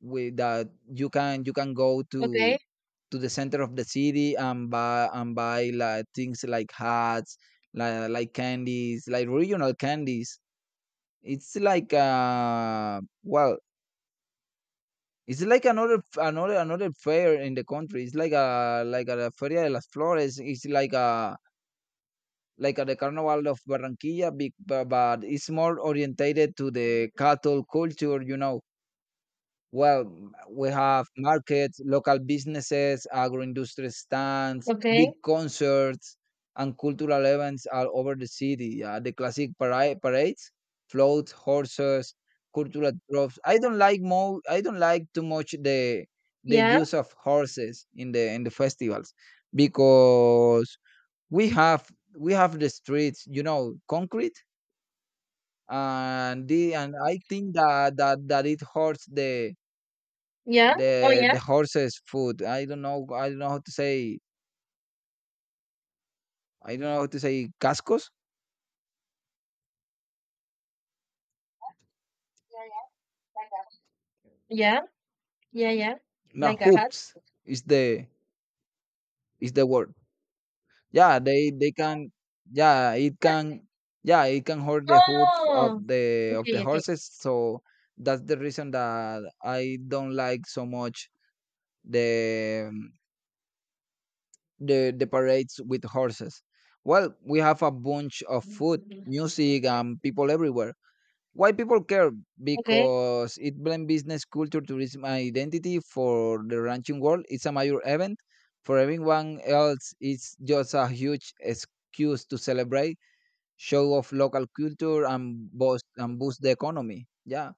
[SPEAKER 1] With that, you can go to,
[SPEAKER 2] Okay.
[SPEAKER 1] the center of the city, and buy, like, things like hats, like candies, like regional candies. It's like, it's like another, another fair in the country. It's like a, Feria de las Flores. It's like a, like at the Carnival of Barranquilla, big, but it's more orientated to the cattle culture, you know. Well, we have markets, local businesses, agro-industrial stands,
[SPEAKER 2] Okay.
[SPEAKER 1] big concerts, and cultural events all over the city. Yeah, the classic parades, floats, horses, cultural troves. I don't like more. I don't like too much the
[SPEAKER 2] Yeah.
[SPEAKER 1] use of horses in the, festivals, because we have we have the streets, you know, concrete. And the, and I think that it hurts the,
[SPEAKER 2] Yeah. Oh yeah.
[SPEAKER 1] horse's foot. I don't know, I don't know how to say I don't know how to say cascos.
[SPEAKER 2] Yeah. Yeah. Yeah.
[SPEAKER 1] No,
[SPEAKER 2] Like a hat.
[SPEAKER 1] hoops is the is the word. Yeah, they can... yeah, it can... yeah, it can hurt the hoof of
[SPEAKER 2] Oh.
[SPEAKER 1] the,
[SPEAKER 2] Okay. Okay.
[SPEAKER 1] horses. So that's the reason that I don't like so much the, the parades with horses. Well, we have a bunch of food, music, and people everywhere. Why people care?
[SPEAKER 2] Okay.
[SPEAKER 1] Because it blends business, culture, tourism, and identity. For the ranching world, it's a major event. For everyone else, it's just a huge excuse to celebrate, show off local culture, and boost the economy. Yeah,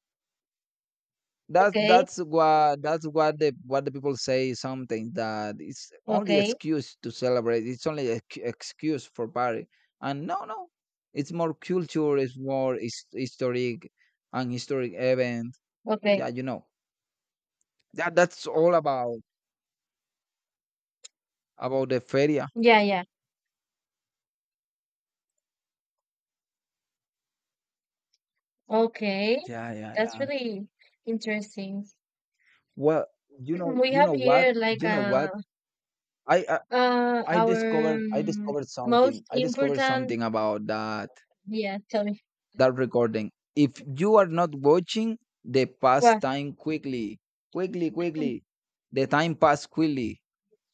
[SPEAKER 2] Okay.
[SPEAKER 1] that's what, that's what the people say, something that it's only
[SPEAKER 2] Okay.
[SPEAKER 1] excuse to celebrate, it's only ex excuse for party. And no, no, it's more culture, it's more historic, and historic event.
[SPEAKER 2] Okay.
[SPEAKER 1] Yeah, you know, that's all about the feria.
[SPEAKER 2] Yeah. Yeah. Okay.
[SPEAKER 1] Yeah, yeah,
[SPEAKER 2] That's
[SPEAKER 1] yeah.
[SPEAKER 2] really interesting.
[SPEAKER 1] Well,
[SPEAKER 2] We
[SPEAKER 1] you
[SPEAKER 2] have
[SPEAKER 1] know what,
[SPEAKER 2] here like
[SPEAKER 1] you know what I I,
[SPEAKER 2] our
[SPEAKER 1] I discovered
[SPEAKER 2] most
[SPEAKER 1] something,
[SPEAKER 2] important.
[SPEAKER 1] about
[SPEAKER 2] Yeah, tell me
[SPEAKER 1] that recording. If you are not watching, the pass
[SPEAKER 2] what
[SPEAKER 1] time quickly, quickly, quickly. The time pass quickly,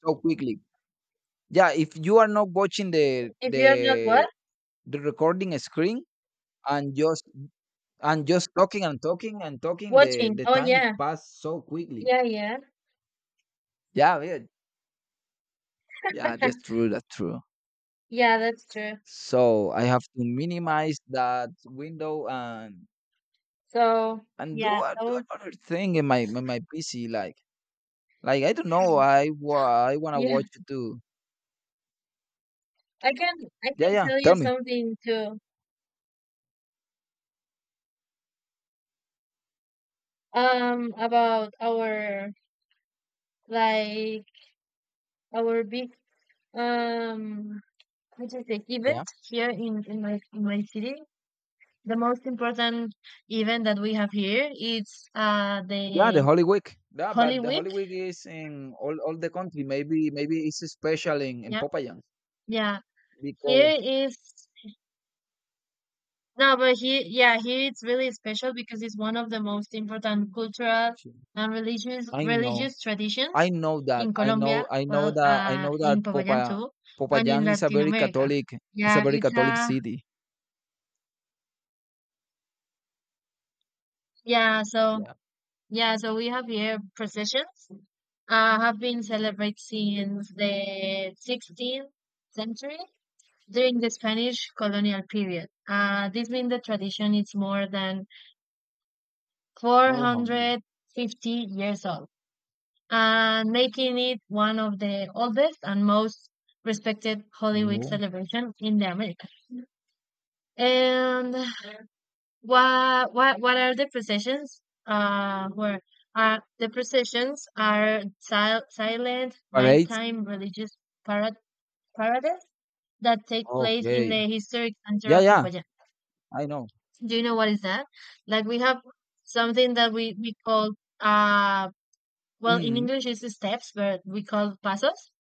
[SPEAKER 1] so quickly. Yeah, if you are not watching the,
[SPEAKER 2] if you're not what
[SPEAKER 1] the recording screen, and just, talking and talking and talking,
[SPEAKER 2] watching?
[SPEAKER 1] the
[SPEAKER 2] Oh
[SPEAKER 1] time
[SPEAKER 2] yeah,
[SPEAKER 1] pass so quickly.
[SPEAKER 2] yeah, yeah,
[SPEAKER 1] Yeah, yeah, yeah. That's true. That's true.
[SPEAKER 2] yeah. That's true.
[SPEAKER 1] So I have to minimize that window, and
[SPEAKER 2] So yeah,
[SPEAKER 1] do, do
[SPEAKER 2] oh
[SPEAKER 1] another thing in my, PC, like... I don't know, I wanna
[SPEAKER 2] yeah.
[SPEAKER 1] watch it too.
[SPEAKER 2] I can I
[SPEAKER 1] Yeah,
[SPEAKER 2] can
[SPEAKER 1] yeah,
[SPEAKER 2] tell you
[SPEAKER 1] tell me.
[SPEAKER 2] something too. About our like our big um what do you say event
[SPEAKER 1] Yeah.
[SPEAKER 2] here in my city. The most important event that we have here is
[SPEAKER 1] Yeah, the
[SPEAKER 2] the
[SPEAKER 1] Holy Week. Yeah,
[SPEAKER 2] Holy
[SPEAKER 1] but the
[SPEAKER 2] Week.
[SPEAKER 1] Holy Week is in all, the country. Maybe, it's special in,
[SPEAKER 2] Yeah.
[SPEAKER 1] Popayán,
[SPEAKER 2] Yeah.
[SPEAKER 1] because
[SPEAKER 2] Here is no, but here yeah, here it's really special because it's one of the most important cultural and religious
[SPEAKER 1] I know,
[SPEAKER 2] religious traditions
[SPEAKER 1] I know that,
[SPEAKER 2] in Colombia, well,
[SPEAKER 1] I know that
[SPEAKER 2] in Popayán too, and in
[SPEAKER 1] Popayán is a
[SPEAKER 2] Latin
[SPEAKER 1] very
[SPEAKER 2] America.
[SPEAKER 1] Catholic, it's a
[SPEAKER 2] Yeah,
[SPEAKER 1] very
[SPEAKER 2] it's
[SPEAKER 1] Catholic
[SPEAKER 2] a
[SPEAKER 1] city.
[SPEAKER 2] yeah, so
[SPEAKER 1] Yeah.
[SPEAKER 2] yeah, so we have here processions have been celebrated since the 16th century during the Spanish colonial period. This means the tradition is more than
[SPEAKER 1] Oh, hungry.
[SPEAKER 2] 450 years old, and making it one of the oldest and most respected Holy Week
[SPEAKER 1] Mhm.
[SPEAKER 2] celebration in the Americas. And what are the processions? Where The processions are silent
[SPEAKER 1] Parades?
[SPEAKER 2] nighttime religious parad- parades that take place in
[SPEAKER 1] Okay.
[SPEAKER 2] the historic center
[SPEAKER 1] Yeah,
[SPEAKER 2] of
[SPEAKER 1] yeah,
[SPEAKER 2] Popayán.
[SPEAKER 1] I know.
[SPEAKER 2] Do you know what is that? Like we have something that we call uh well in
[SPEAKER 1] Mhm.
[SPEAKER 2] English it's steps, but we call pasos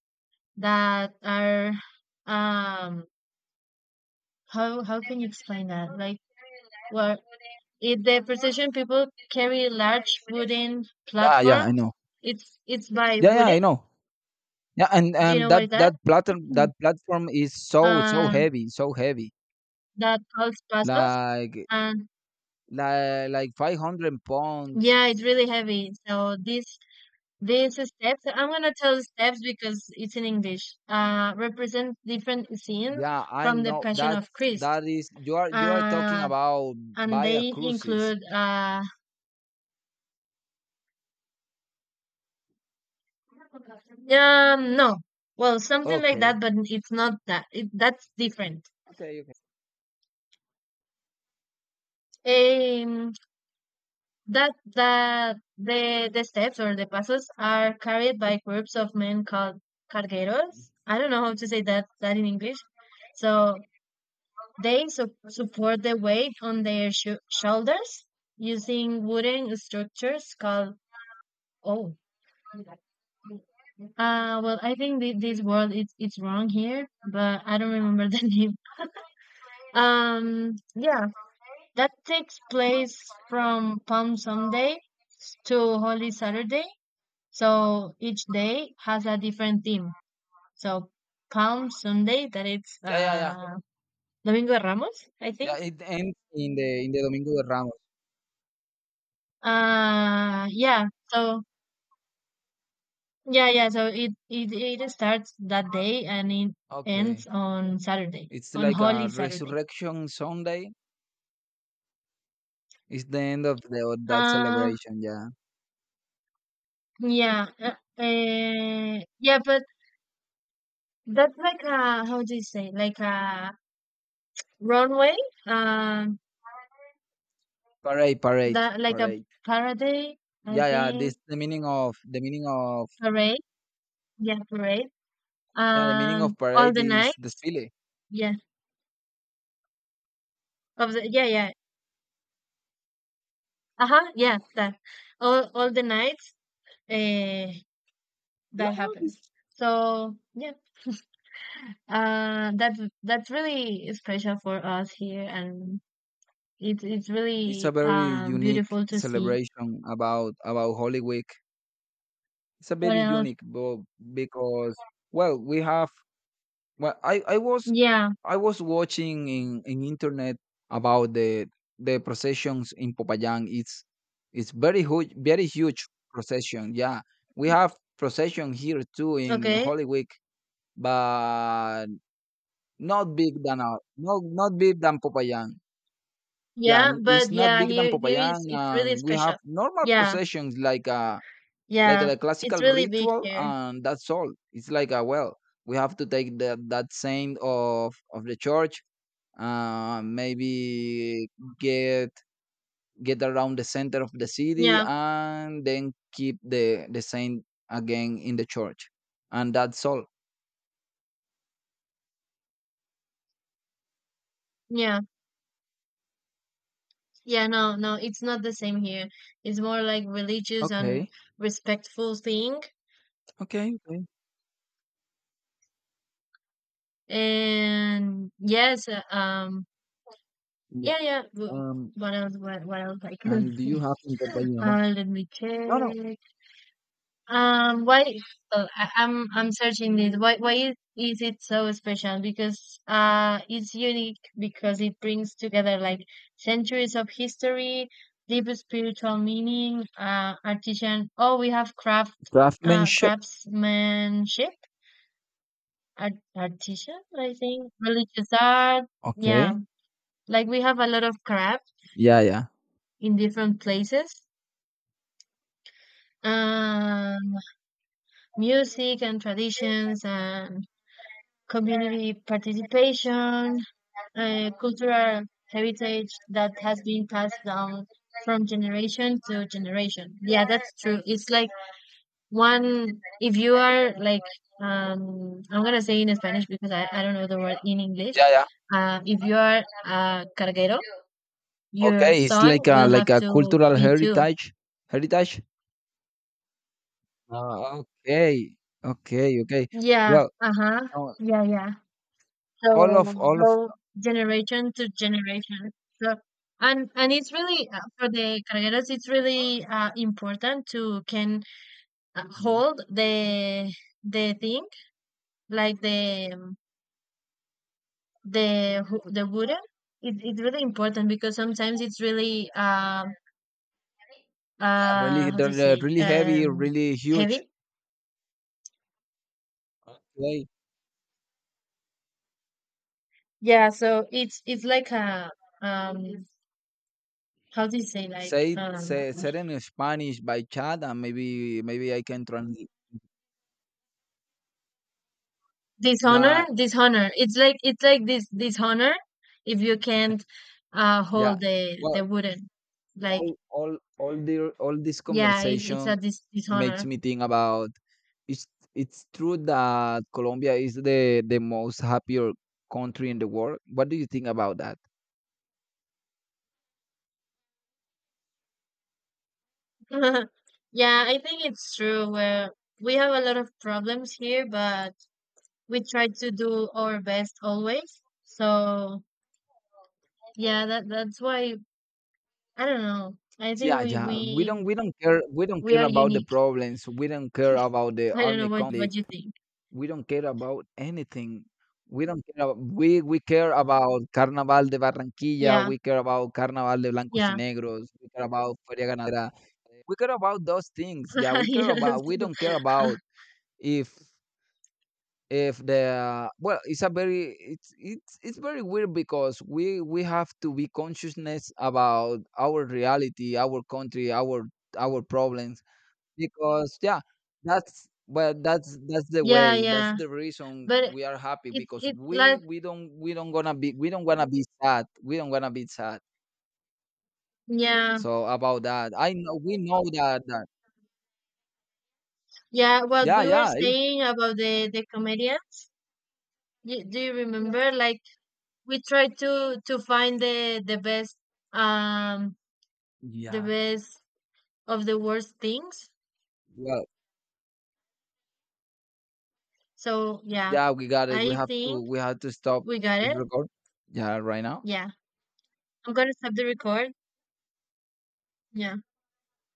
[SPEAKER 2] that are um how can you explain that? Like well if the precision people carry large wooden
[SPEAKER 1] Yeah, yeah, I
[SPEAKER 2] platforms,
[SPEAKER 1] know.
[SPEAKER 2] it's by
[SPEAKER 1] Yeah, yeah, I
[SPEAKER 2] wooden.
[SPEAKER 1] know. Yeah, and
[SPEAKER 2] Do you know what is
[SPEAKER 1] that
[SPEAKER 2] that?
[SPEAKER 1] platform,
[SPEAKER 2] Mm.
[SPEAKER 1] is so,
[SPEAKER 2] Uh,
[SPEAKER 1] so heavy,
[SPEAKER 2] that calls pasos
[SPEAKER 1] like,
[SPEAKER 2] and
[SPEAKER 1] 500 pounds.
[SPEAKER 2] yeah, it's really heavy. So this, these steps, I'm gonna tell the steps because it's in English, represent different scenes
[SPEAKER 1] Yeah, I
[SPEAKER 2] from the
[SPEAKER 1] know
[SPEAKER 2] Passion
[SPEAKER 1] that,
[SPEAKER 2] of Christ.
[SPEAKER 1] is... you are talking
[SPEAKER 2] Uh,
[SPEAKER 1] about
[SPEAKER 2] and
[SPEAKER 1] via
[SPEAKER 2] they
[SPEAKER 1] cruises.
[SPEAKER 2] include, no, well, something like that,
[SPEAKER 1] Okay,
[SPEAKER 2] but it's not that. It, that's different.
[SPEAKER 1] okay, okay.
[SPEAKER 2] Um, that that the steps or the pasos are carried by groups of men called cargueros. I don't know how to say that in English. So they support the weight on their shoulders using wooden structures called oh well I think this word it's wrong here but I don't remember the name yeah that takes place from Palm Sunday to Holy Saturday so each day has a different theme so Palm Sunday that it's
[SPEAKER 1] Yeah, yeah, yeah,
[SPEAKER 2] Domingo de Ramos I think
[SPEAKER 1] yeah. It ends in the, Domingo de Ramos.
[SPEAKER 2] yeah so yeah, yeah. So it starts that day and it ends
[SPEAKER 1] Okay,
[SPEAKER 2] on Saturday,
[SPEAKER 1] it's
[SPEAKER 2] on
[SPEAKER 1] like
[SPEAKER 2] Holy
[SPEAKER 1] a
[SPEAKER 2] Saturday.
[SPEAKER 1] Resurrection Sunday. It's the end of the of that
[SPEAKER 2] Uh,
[SPEAKER 1] celebration. Yeah,
[SPEAKER 2] yeah, yeah. But that's like a how do you say like a runway? Um,
[SPEAKER 1] parade, parade,
[SPEAKER 2] that like a
[SPEAKER 1] parade.
[SPEAKER 2] parade, I
[SPEAKER 1] Yeah, yeah. This
[SPEAKER 2] think
[SPEAKER 1] the meaning of,
[SPEAKER 2] parade. Yeah, parade.
[SPEAKER 1] yeah, the meaning of
[SPEAKER 2] All
[SPEAKER 1] parade
[SPEAKER 2] the
[SPEAKER 1] is
[SPEAKER 2] night.
[SPEAKER 1] desfile.
[SPEAKER 2] Yeah, of the yeah, yeah. Uh huh. Yeah, that all the nights. Eh,
[SPEAKER 1] Yeah,
[SPEAKER 2] that
[SPEAKER 1] yeah, this.
[SPEAKER 2] happens. So yeah. That that's really special for us here, and it's
[SPEAKER 1] It's a
[SPEAKER 2] really
[SPEAKER 1] very unique
[SPEAKER 2] beautiful to see.
[SPEAKER 1] celebration about, Holy Week. It's a
[SPEAKER 2] What
[SPEAKER 1] very
[SPEAKER 2] else?
[SPEAKER 1] unique, because, well, well, I I was
[SPEAKER 2] Yeah.
[SPEAKER 1] I was watching in, internet, about the processions in Popayán. It's very huge procession. Yeah, we have procession here too in
[SPEAKER 2] Okay.
[SPEAKER 1] Holy Week, but not big than our, not big than Popayán. Yeah,
[SPEAKER 2] Yeah,
[SPEAKER 1] mm, it's
[SPEAKER 2] but
[SPEAKER 1] not
[SPEAKER 2] yeah,
[SPEAKER 1] big than
[SPEAKER 2] here here
[SPEAKER 1] Popayán,
[SPEAKER 2] is it's really
[SPEAKER 1] and we have
[SPEAKER 2] special.
[SPEAKER 1] normal
[SPEAKER 2] Yeah,
[SPEAKER 1] processions, like, like
[SPEAKER 2] yeah,
[SPEAKER 1] the
[SPEAKER 2] it's
[SPEAKER 1] classical
[SPEAKER 2] really big
[SPEAKER 1] ritual,
[SPEAKER 2] here.
[SPEAKER 1] and that's all. It's like a... well, we have to take the, that saint of, the church, maybe, get get around the center of the city,
[SPEAKER 2] Yeah,
[SPEAKER 1] and then keep the saint again in the church, and that's all.
[SPEAKER 2] yeah, yeah. No, no, it's not the same here. It's more like religious and
[SPEAKER 1] Okay.
[SPEAKER 2] respectful thing.
[SPEAKER 1] Okay. Okay.
[SPEAKER 2] And yes, yeah,
[SPEAKER 1] Yeah.
[SPEAKER 2] yeah.
[SPEAKER 1] Um.
[SPEAKER 2] What else? What else I can
[SPEAKER 1] And do
[SPEAKER 2] say?
[SPEAKER 1] you have in Popayán?
[SPEAKER 2] Let me
[SPEAKER 1] No, no.
[SPEAKER 2] check. Why? Oh, I'm searching this. Why is it so special? Because it's unique because it brings together like centuries of history, deep spiritual meaning, artisan. Oh, we have craft,
[SPEAKER 1] Craftsmanship.
[SPEAKER 2] craftsmanship, art, artisan. I think religious art. Yeah,
[SPEAKER 1] Okay.
[SPEAKER 2] like we have a lot of crafts
[SPEAKER 1] Yeah, yeah.
[SPEAKER 2] in different places um, music and traditions and community participation, cultural heritage that has been passed down from generation to generation. Yeah, that's true. It's like one, if you are like, I'm gonna say in Spanish because I don't know the word in English.
[SPEAKER 1] Yeah, yeah.
[SPEAKER 2] If you are a carguero, your
[SPEAKER 1] Okay, it's
[SPEAKER 2] son
[SPEAKER 1] like a,
[SPEAKER 2] will have to
[SPEAKER 1] cultural
[SPEAKER 2] be too.
[SPEAKER 1] heritage. Heritage. Uh, okay, okay, okay.
[SPEAKER 2] Yeah,
[SPEAKER 1] Well,
[SPEAKER 2] uh-huh.
[SPEAKER 1] so
[SPEAKER 2] Yeah, yeah.
[SPEAKER 1] all
[SPEAKER 2] So
[SPEAKER 1] of,
[SPEAKER 2] go generation to generation. So and it's really for the carreras. It's really important to can
[SPEAKER 1] yeah,
[SPEAKER 2] hold the thing like the the wooden. It, it's really important because sometimes it's really
[SPEAKER 1] yeah, really,
[SPEAKER 2] how do you
[SPEAKER 1] they're,
[SPEAKER 2] say
[SPEAKER 1] really heavy, really huge.
[SPEAKER 2] heavy.
[SPEAKER 1] Okay,
[SPEAKER 2] Yeah. So it's like a um how do you say like
[SPEAKER 1] say say said in Spanish by chat, and maybe I can translate
[SPEAKER 2] dishonor,
[SPEAKER 1] that.
[SPEAKER 2] dishonor. It's like this dishonor if you can't
[SPEAKER 1] Yeah.
[SPEAKER 2] hold
[SPEAKER 1] Well,
[SPEAKER 2] the wooden. Like
[SPEAKER 1] all this
[SPEAKER 2] yeah, it, it's a
[SPEAKER 1] conversation makes
[SPEAKER 2] dishonor.
[SPEAKER 1] me think about, it's it's true that Colombia is the most happier country in the world. What do you think about that?
[SPEAKER 2] Yeah, I think it's true where we have a lot of problems here, but we try to do our best always. So yeah, that that's why I don't know. I think
[SPEAKER 1] Yeah,
[SPEAKER 2] we
[SPEAKER 1] yeah.
[SPEAKER 2] we
[SPEAKER 1] We don't
[SPEAKER 2] we
[SPEAKER 1] care
[SPEAKER 2] are
[SPEAKER 1] about the
[SPEAKER 2] unique.
[SPEAKER 1] problems. We don't care about the
[SPEAKER 2] I don't know
[SPEAKER 1] army
[SPEAKER 2] what
[SPEAKER 1] conflict.
[SPEAKER 2] you think.
[SPEAKER 1] We don't care about anything. We don't care about, we care about Carnaval de Barranquilla,
[SPEAKER 2] Yeah,
[SPEAKER 1] we care about Carnaval de Blancos y
[SPEAKER 2] yeah,
[SPEAKER 1] Negros, we care about Feria Ganadera. We care about those things. Yeah, we care
[SPEAKER 2] yes.
[SPEAKER 1] about. We don't care about if, the... well. It's a very, it's very weird, because we have to be consciousness about our reality, our country, our, problems. Because yeah, that's the
[SPEAKER 2] Yeah,
[SPEAKER 1] way that's
[SPEAKER 2] yeah.
[SPEAKER 1] the reason
[SPEAKER 2] But
[SPEAKER 1] we are happy,
[SPEAKER 2] It's
[SPEAKER 1] because
[SPEAKER 2] it's like
[SPEAKER 1] we don't wanna be sad,
[SPEAKER 2] yeah
[SPEAKER 1] so about that, I know we know that, that.
[SPEAKER 2] yeah what
[SPEAKER 1] Yeah,
[SPEAKER 2] we were
[SPEAKER 1] yeah, it's,
[SPEAKER 2] saying about the comedians. You, do you remember? Like we try to find um the
[SPEAKER 1] yeah,
[SPEAKER 2] best of the worst things.
[SPEAKER 1] well...
[SPEAKER 2] So yeah,
[SPEAKER 1] Yeah, we got it.
[SPEAKER 2] I think
[SPEAKER 1] We have to stop
[SPEAKER 2] we got
[SPEAKER 1] this
[SPEAKER 2] it.
[SPEAKER 1] record. Yeah, right now.
[SPEAKER 2] Yeah, I'm gonna stop the record. Yeah.